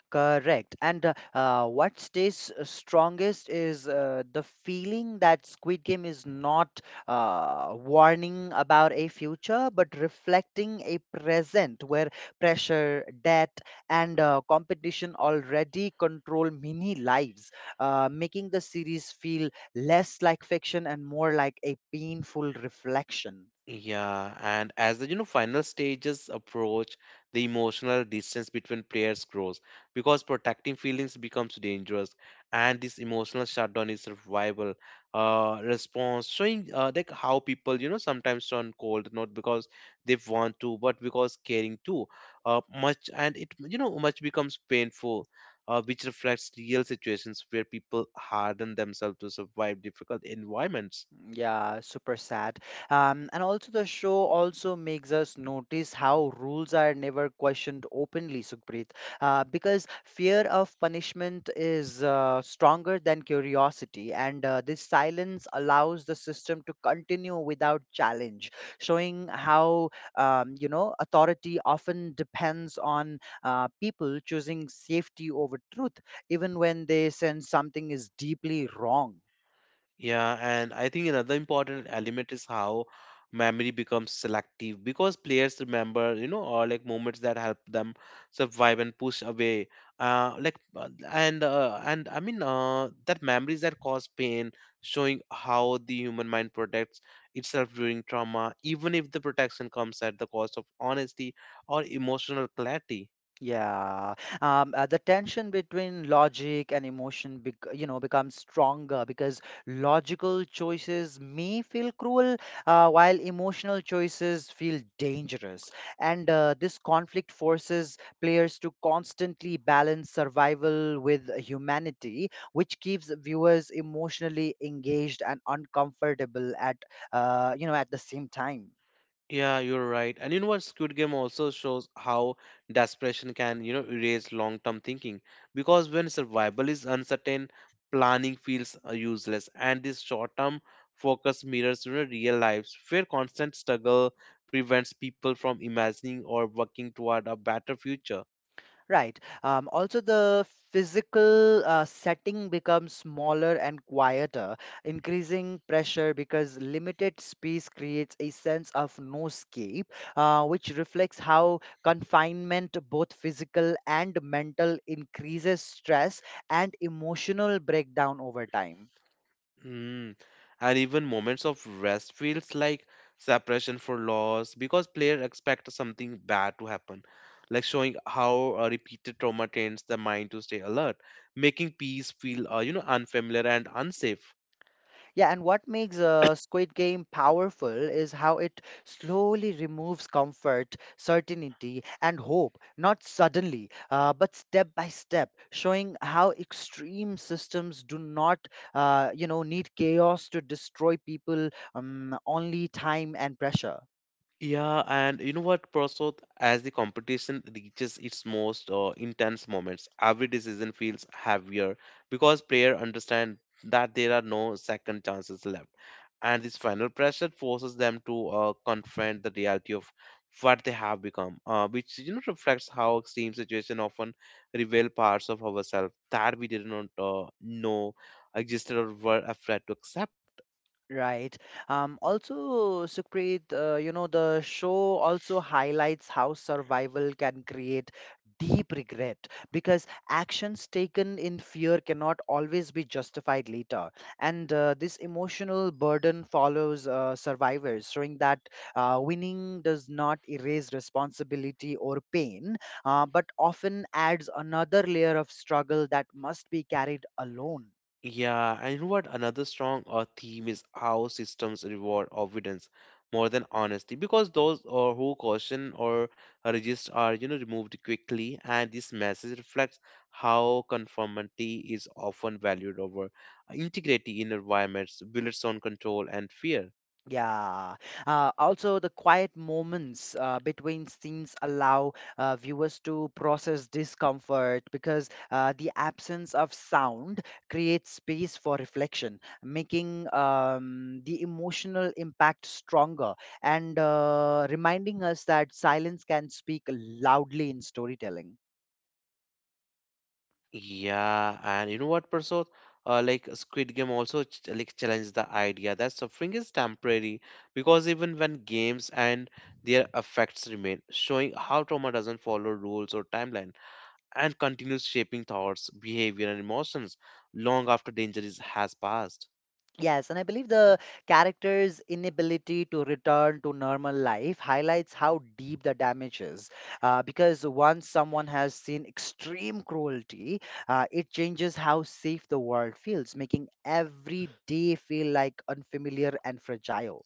Speaker 2: Correct. And what stays strongest is the feeling that Squid Game is not warning about a future, but reflecting a present where pressure, debt, and competition already control many lives, making the series feel less like fiction and more like a painful reflection.
Speaker 1: Yeah, and as the you know final stages approach, the emotional distance between players grows because protecting feelings becomes dangerous, and this emotional shutdown is survival response, showing like how people you know sometimes turn cold not because they want to, but because caring too much, and it you know much becomes painful. Which reflects real situations where people harden themselves to survive difficult environments.
Speaker 2: Yeah, super sad. And also the show also makes us notice how rules are never questioned openly, Sukhpreet, because fear of punishment is stronger than curiosity, and this silence allows the system to continue without challenge, showing how authority often depends on people choosing safety over truth, even when they sense something is deeply wrong.
Speaker 1: Yeah, and I think another important element is how memory becomes selective because players remember, you know, or like moments that help them survive and push away. And I mean that memories that cause pain, showing how the human mind protects itself during trauma, even if the protection comes at the cost of honesty or emotional clarity.
Speaker 2: Yeah, the tension between logic and emotion, becomes stronger because logical choices may feel cruel, while emotional choices feel dangerous. And this conflict forces players to constantly balance survival with humanity, which keeps viewers emotionally engaged and uncomfortable at, at the same time.
Speaker 1: Yeah, you're right. And you know what? Squid Game also shows how desperation can, you know, erase long-term thinking. Because when survival is uncertain, planning feels useless. And this short-term focus mirrors, you know, real lives, where constant struggle prevents people from imagining or working toward a better future.
Speaker 2: Right. Also, the physical setting becomes smaller and quieter, increasing pressure because limited space creates a sense of no escape, which reflects how confinement, both physical and mental, increases stress and emotional breakdown over time.
Speaker 1: Mm. And even moments of rest feels like separation for loss because players expect something bad to happen, like showing how a repeated trauma trains the mind to stay alert, making peace feel you know unfamiliar and unsafe.
Speaker 2: Yeah, and what makes Squid Game powerful is how it slowly removes comfort, certainty, and hope, not suddenly, but step by step, showing how extreme systems do not, need chaos to destroy people, only time and pressure.
Speaker 1: Yeah, and you know what, Prasad? As the competition reaches its most intense moments, every decision feels heavier because players understand that there are no second chances left. And this final pressure forces them to confront the reality of what they have become, which you know reflects how extreme situations often reveal parts of ourselves that we did not know existed or were afraid to accept.
Speaker 2: Right. Also, Sukhpreet, the show also highlights how survival can create deep regret because actions taken in fear cannot always be justified later. And this emotional burden follows survivors, showing that winning does not erase responsibility or pain, but often adds another layer of struggle that must be carried alone.
Speaker 1: Yeah, and you know what? Another strong theme is how systems reward obedience more than honesty, because those or who caution or resist are you know removed quickly, and this message reflects how conformity is often valued over integrating inner environments, builds on control and fear.
Speaker 2: Yeah. Also, the quiet moments between scenes allow viewers to process discomfort because the absence of sound creates space for reflection, making the emotional impact stronger and reminding us that silence can speak loudly in storytelling.
Speaker 1: Yeah, and you know what, Prasad? Like Squid Game also like challenged the idea that suffering is temporary because even when games and their effects remain, showing how trauma doesn't follow rules or timeline and continues shaping thoughts, behavior, and emotions long after danger is, has passed.
Speaker 2: Yes, and I believe the character's inability to return to normal life highlights how deep the damage is. Because once someone has seen extreme cruelty, it changes how safe the world feels, making every day feel like unfamiliar and fragile.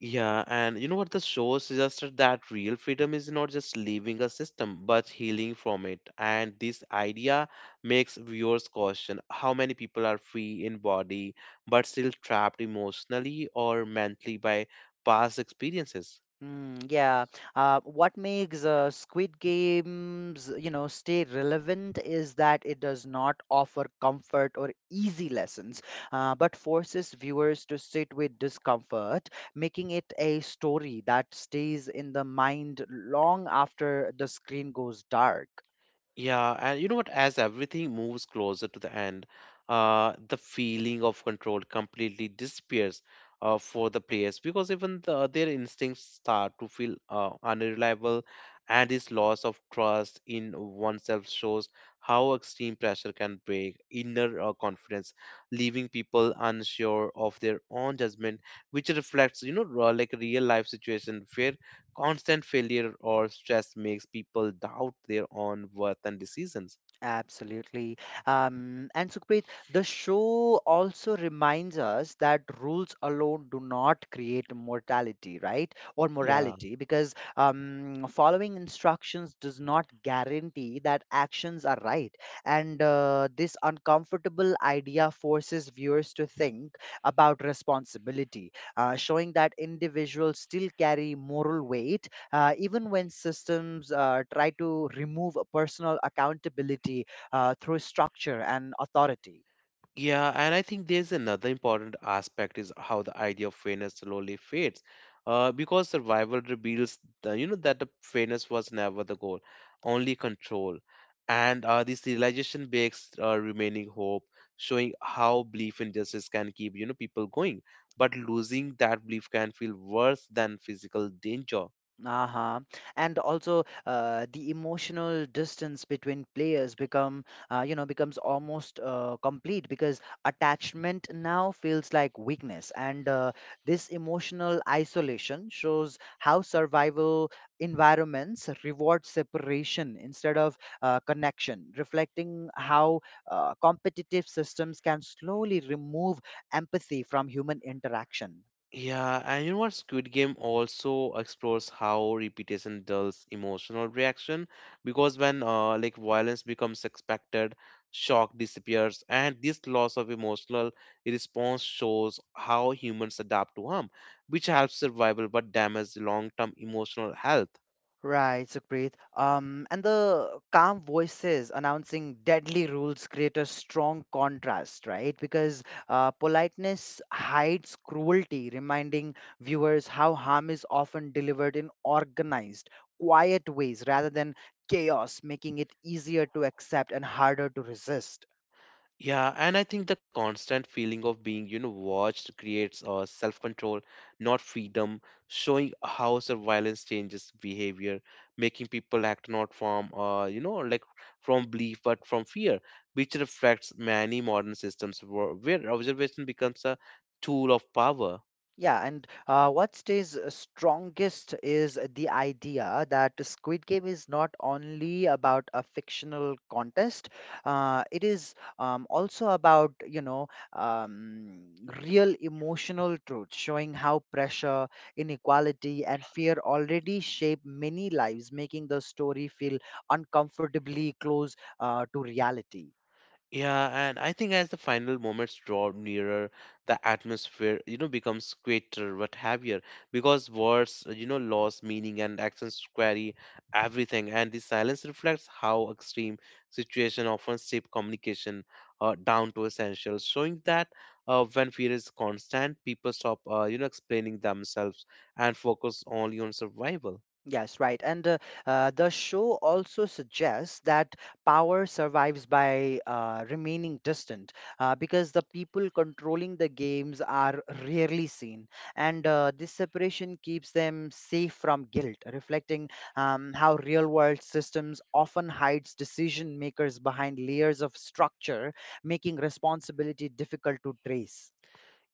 Speaker 1: Yeah, and you know what the show suggested that real freedom is not just leaving a system but healing from it. And this idea makes viewers question how many people are free in body but still trapped emotionally or mentally by past experiences.
Speaker 2: Mm, yeah. What makes Squid Games, you know, stay relevant is that it does not offer comfort or easy lessons, but forces viewers to sit with discomfort, making it a story that stays in the mind long after the screen goes dark.
Speaker 1: Yeah, and you know what? As everything moves closer to the end, the feeling of control completely disappears for the players because even the, their instincts start to feel unreliable, and this loss of trust in oneself shows how extreme pressure can break inner confidence, leaving people unsure of their own judgment, which reflects, you know, like real life situation where Constant failure or stress makes people doubt their own worth and decisions.
Speaker 2: Absolutely. And Sukhpreet, the show also reminds us that rules alone do not create mortality, right? Or
Speaker 1: Yeah.
Speaker 2: morality, because following instructions does not guarantee that actions are right. And this uncomfortable idea forces viewers to think about responsibility, showing that individuals still carry moral weight even when systems try to remove personal accountability through structure and authority.
Speaker 1: Yeah, and I think there's another important aspect is how the idea of fairness slowly fades. Because survival reveals the, you know that the fairness was never the goal, only control. And this realization makes remaining hope, showing how belief in justice can keep you know people going. But losing that belief can feel worse than physical danger.
Speaker 2: Uh-huh. And also the emotional distance between players become you know becomes almost complete because attachment now feels like weakness and this emotional isolation shows how survival environments reward separation instead of connection, reflecting how competitive systems can slowly remove empathy from human interaction.
Speaker 1: Yeah, and you know what? Squid Game also explores how repetition dulls emotional reaction because when like violence becomes expected, shock disappears, and this loss of emotional response shows how humans adapt to harm, which helps survival but damages long-term emotional health.
Speaker 2: Right, Supreet. And the calm voices announcing deadly rules create a strong contrast, right? Because politeness hides cruelty, reminding viewers how harm is often delivered in organized, quiet ways rather than chaos, making it easier to accept and harder to resist.
Speaker 1: Yeah, and I think the constant feeling of being, you know, watched creates self-control, not freedom, showing how surveillance changes behavior, making people act not from, you know, like from belief but from fear, which reflects many modern systems where observation becomes a tool of power.
Speaker 2: Yeah, and what stays strongest is the idea that Squid Game is not only about a fictional contest, it is also about, you know, real emotional truth, showing how pressure, inequality, and fear already shape many lives, making the story feel uncomfortably close to reality.
Speaker 1: Yeah, and I think as the final moments draw nearer, the atmosphere, you know, becomes greater but heavier because words, you know, lose meaning and actions query everything. And the silence reflects how extreme situation often shape communication down to essentials, showing that when fear is constant, people stop, you know, explaining themselves and focus only on survival.
Speaker 2: Yes, right. And the show also suggests that power survives by remaining distant because the people controlling the games are rarely seen. And this separation keeps them safe from guilt, reflecting how real world systems often hides decision makers behind layers of structure, making responsibility difficult to trace.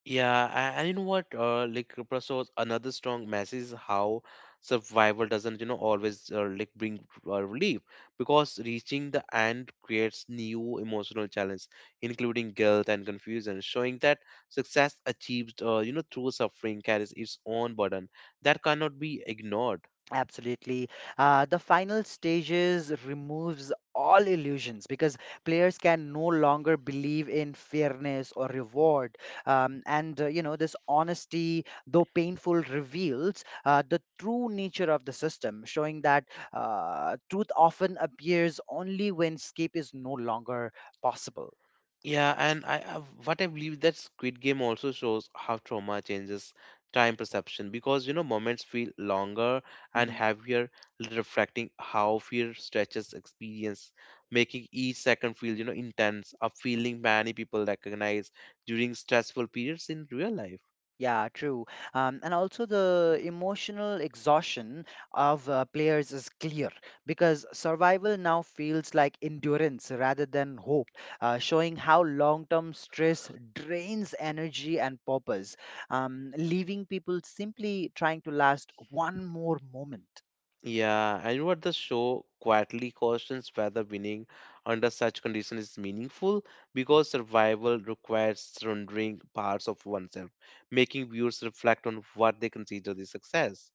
Speaker 1: Yeah, and you know what? Like Kripal shows another strong message is how survival doesn't, you know, always like bring relief because reaching the end creates new emotional challenge, including guilt and confusion, showing that success achieved, you know, through suffering carries its own burden that cannot be ignored.
Speaker 2: Absolutely. The final stages removes all illusions because players can no longer believe in fairness or reward. And you know, this honesty, though painful, reveals the true nature of the system, showing that truth often appears only when escape is no longer possible.
Speaker 1: Yeah, and I what I believe that Squid Game also shows how trauma changes time perception because you know moments feel longer and
Speaker 2: Mm-hmm.
Speaker 1: heavier, reflecting how fear stretches experience, making each second feel you know intense, a feeling many people recognize during stressful periods in real life.
Speaker 2: Yeah, true. And also the emotional exhaustion of players is clear because survival now feels like endurance rather than hope, showing how long-term stress drains energy and purpose, leaving people simply trying to last one more moment.
Speaker 1: Yeah, and what the show quietly questions whether winning under such conditions is meaningful because survival requires surrendering parts of oneself, making viewers reflect on what they consider the success.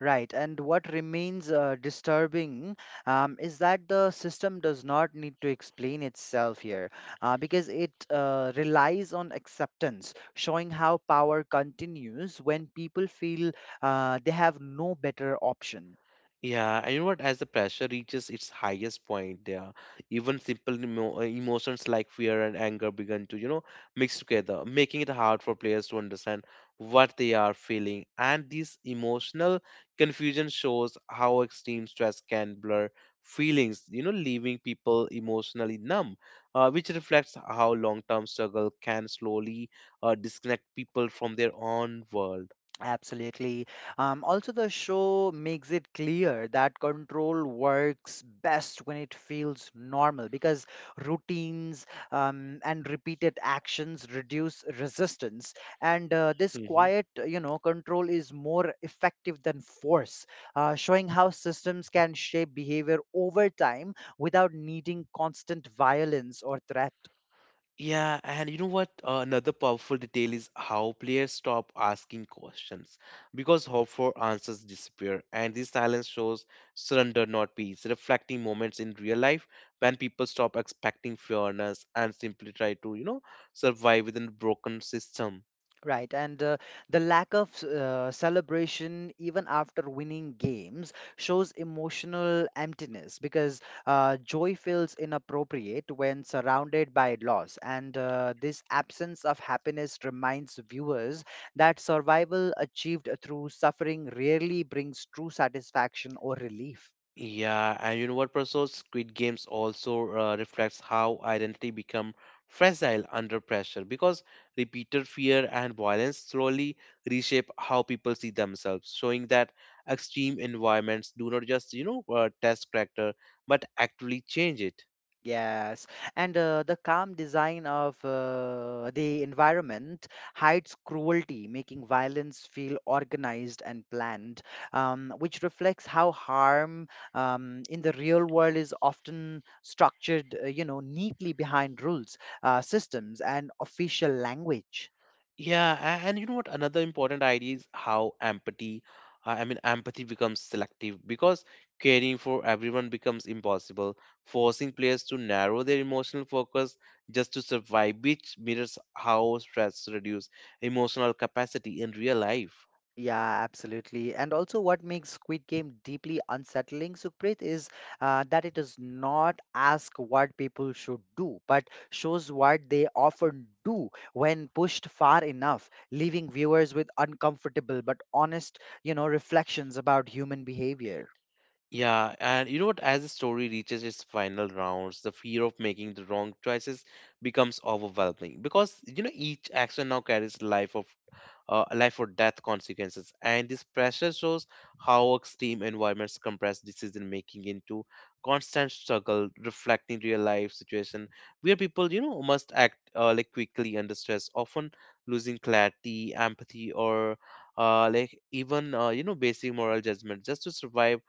Speaker 2: Right, and what remains disturbing is that the system does not need to explain itself here because it relies on acceptance, showing how power continues when people feel they have no better option.
Speaker 1: Yeah, and you know what? As the pressure reaches its highest point, there, even simple emotions like fear and anger begin to, you know, mix together, making it hard for players to understand what they are feeling. And this emotional confusion shows how extreme stress can blur feelings, you know, leaving people emotionally numb, which reflects how long-term struggle can slowly disconnect people from their own world.
Speaker 2: Absolutely. Also, the show makes it clear that control works best when it feels normal because routines and repeated actions reduce resistance. And this
Speaker 1: Mm-hmm.
Speaker 2: quiet, you know, control is more effective than force, showing how systems can shape behavior over time without needing constant violence or threat.
Speaker 1: Yeah, and you know what? Another powerful detail is how players stop asking questions because hope for answers disappear, and this silence shows surrender, not peace, reflecting moments in real life when people stop expecting fairness and simply try to, you know, survive within a broken system.
Speaker 2: Right, and the lack of celebration even after winning games shows emotional emptiness because joy feels inappropriate when surrounded by loss. And this absence of happiness reminds viewers that survival achieved through suffering rarely brings true satisfaction or relief.
Speaker 1: Yeah, and you know what, Prasad? Squid Games also reflects how identity become fragile under pressure because repeated fear and violence slowly reshape how people see themselves, showing that extreme environments do not just, you know, test character but actually change it.
Speaker 2: Yes, and the calm design of the environment hides cruelty, making violence feel organized and planned, which reflects how harm in the real world is often structured, you know, neatly behind rules, systems, and official language.
Speaker 1: Yeah, and you know what? Another important idea is how empathy, I mean, empathy becomes selective because caring for everyone becomes impossible, forcing players to narrow their emotional focus just to survive, which mirrors how stress reduces emotional capacity in real life.
Speaker 2: Yeah, absolutely. And also, what makes Squid Game deeply unsettling, Sukhpreet, is that it does not ask what people should do, but shows what they often do when pushed far enough, leaving viewers with uncomfortable but honest, you know, reflections about human behavior.
Speaker 1: Yeah, and you know what? As the story reaches its final rounds, the fear of making the wrong choices becomes overwhelming because you know each action now carries life of life or death consequences, and this pressure shows how extreme environments compress decision making into constant struggle, reflecting real life situation where people you know must act like quickly under stress, often losing clarity, empathy, or like even you know basic moral judgment just to survive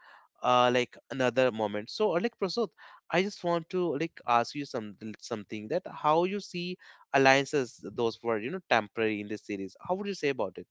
Speaker 1: like another moment. So, like Prasad, I just want to like ask you some something that how you see alliances those were you know temporary in this series. How would you say about it?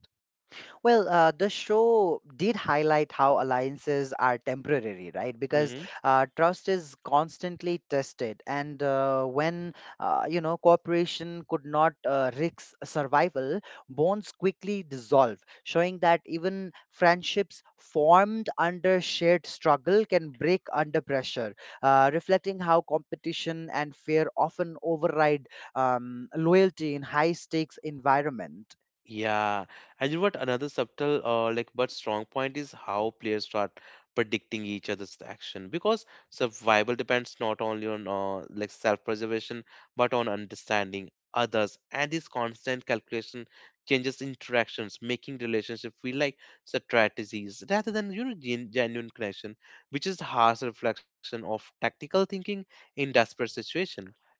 Speaker 2: Well, the show did highlight how alliances are temporary, right? Because
Speaker 1: Mm-hmm.
Speaker 2: trust is constantly tested, and when you know cooperation could not risk survival, bonds quickly dissolve, showing that even friendships formed under shared struggle can break under pressure, reflecting how competition and fear often override loyalty in high-stakes environment.
Speaker 1: Yeah, and you know what? Another subtle, like but strong point is how players start predicting each other's action because survival depends not only on like self-preservation but on understanding others. And this constant calculation changes interactions, making relationship feel like strategies rather than you know genuine connection, which is harsh reflection of tactical thinking in desperate situation.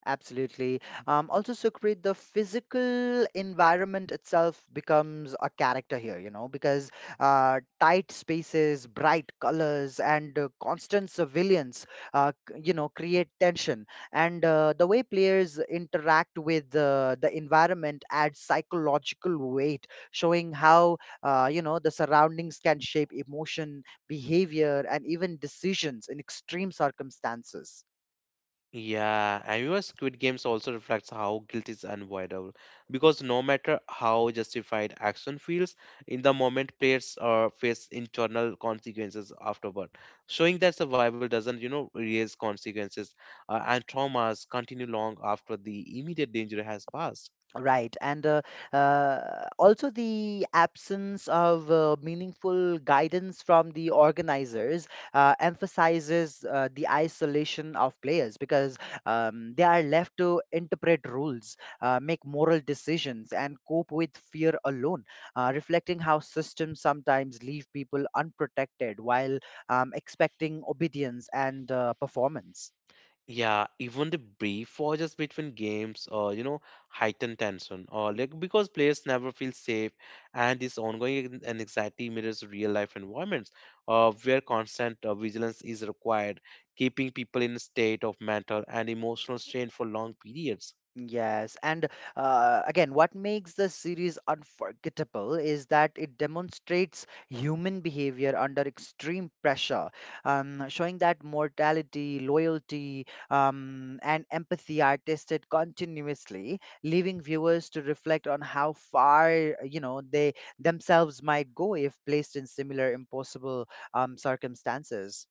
Speaker 2: Absolutely. Also, Sukrit, the physical environment itself becomes a character here, you know, because tight spaces, bright colors, and constant surveillance, you know, create tension. And the way players interact with the environment adds psychological weight, showing how, you know, the surroundings can shape emotion, behavior, and even decisions in extreme circumstances.
Speaker 1: Yeah, and you know, Squid Games also reflects how guilt is unavoidable because no matter how justified action feels, in the moment players face internal consequences afterward, showing that survival doesn't, you know, raise consequences and traumas continue long after the immediate danger has passed.
Speaker 2: Right, and also the absence of meaningful guidance from the organizers emphasizes the isolation of players because they are left to interpret rules, make moral decisions, and cope with fear alone, reflecting how systems sometimes leave people unprotected while expecting obedience and performance.
Speaker 1: Yeah, even the brief pauses between games, you know, heighten tension, or like because players never feel safe, and this ongoing an anxiety mirrors real life environments, where constant vigilance is required, keeping people in a state of mental and emotional strain for long periods.
Speaker 2: Yes, and again, what makes the series unforgettable is that it demonstrates human behavior under extreme pressure, showing that mortality, loyalty, and empathy are tested continuously, leaving viewers to reflect on how far you know they themselves might go if placed in similar impossible circumstances.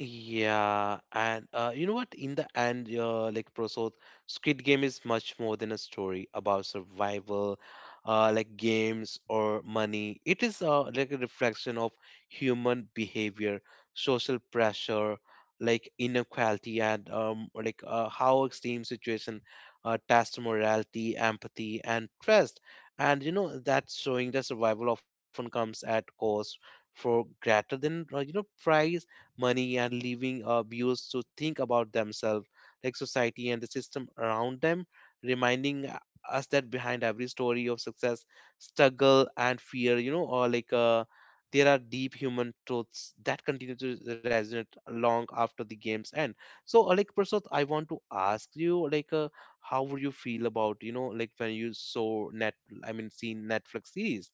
Speaker 1: Yeah, and you know what? In the end, like Prosod, Squid Game is much more than a story about survival, like games or money. It is like a reflection of human behavior, social pressure, like inequality, and or like how extreme situation test morality, empathy, and trust. And you know that's showing that survival often comes at cost for greater than you know price money and leaving viewers to think about themselves, like society and the system around them, reminding us that behind every story of success, struggle and fear, you know, or like there are deep human truths that continue to resonate long after the game's end. So, like Prasad, I want to ask you, like, how would you feel about, you know, like when you saw I mean, seen Netflix series?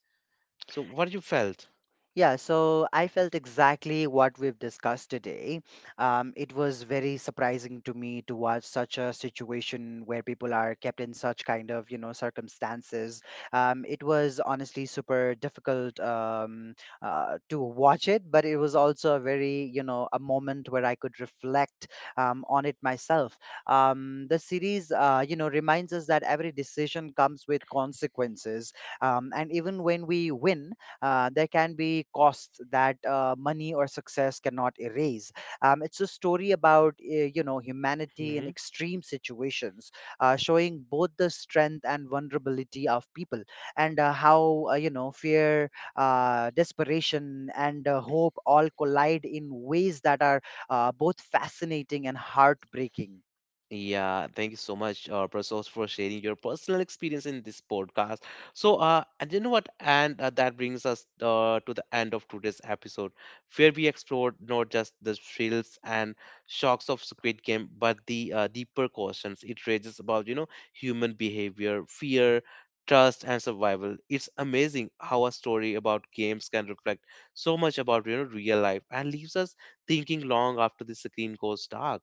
Speaker 1: So, what you felt?
Speaker 2: Yeah, so I felt exactly what we've discussed today. It was very surprising to me to watch such a situation where people are kept in such kind of, you know, circumstances. It was honestly super difficult to watch it, but it was also a very, you know, a moment where I could reflect on it myself. The series, you know, reminds us that every decision comes with consequences. And even when we win, there can be costs that money or success cannot erase. It's a story about you know humanity in
Speaker 1: Mm-hmm.
Speaker 2: extreme situations, showing both the strength and vulnerability of people, and how you know fear, desperation, and hope all collide in ways that are both fascinating and heartbreaking.
Speaker 1: Yeah, thank you so much, Prasos, for sharing your personal experience in this podcast. So, and you know what? And that brings us to the end of today's episode, where we explored not just the thrills and shocks of Squid Game, but the deeper questions it raises about, you know, human behavior, fear, trust, and survival. It's amazing how a story about games can reflect so much about, you know, real life and leaves us thinking long after the screen goes dark.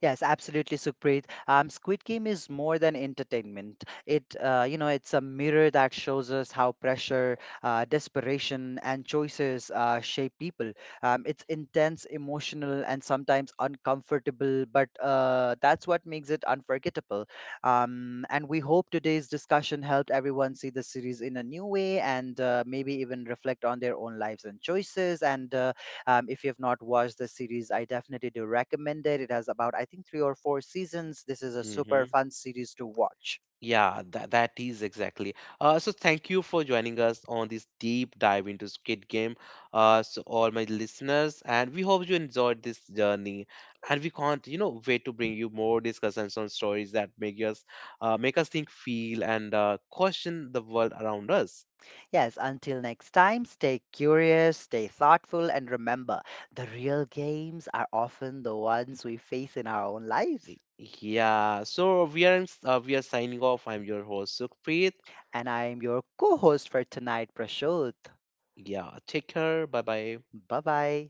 Speaker 2: Yes, absolutely, Sukhpreet. Squid Game is more than entertainment. It, you know, it's a mirror that shows us how pressure, desperation, and choices shape people. It's intense, emotional, and sometimes uncomfortable, but that's what makes it unforgettable. And we hope today's discussion helped everyone see the series in a new way and maybe even reflect on their own lives and choices. And if you have not watched the series, I definitely do recommend it. It has about, I think, three or four seasons. This is a super
Speaker 1: Hmm.
Speaker 2: fun series to watch.
Speaker 1: Yeah, that is exactly. So thank you for joining us on this deep dive into Squid Game. So all my listeners, and we hope you enjoyed this journey. And we can't, you know, wait to bring you more discussions on stories that make us think, feel, and question the world around us.
Speaker 2: Yes, until next time, stay curious, stay thoughtful, and remember the real games are often the ones we face in our own lives.
Speaker 1: Yeah. So we are, we are signing off. I'm your host Sukhpreet.
Speaker 2: And I am your co host for tonight, Prashant.
Speaker 1: Yeah. Take care. Bye bye.
Speaker 2: Bye bye.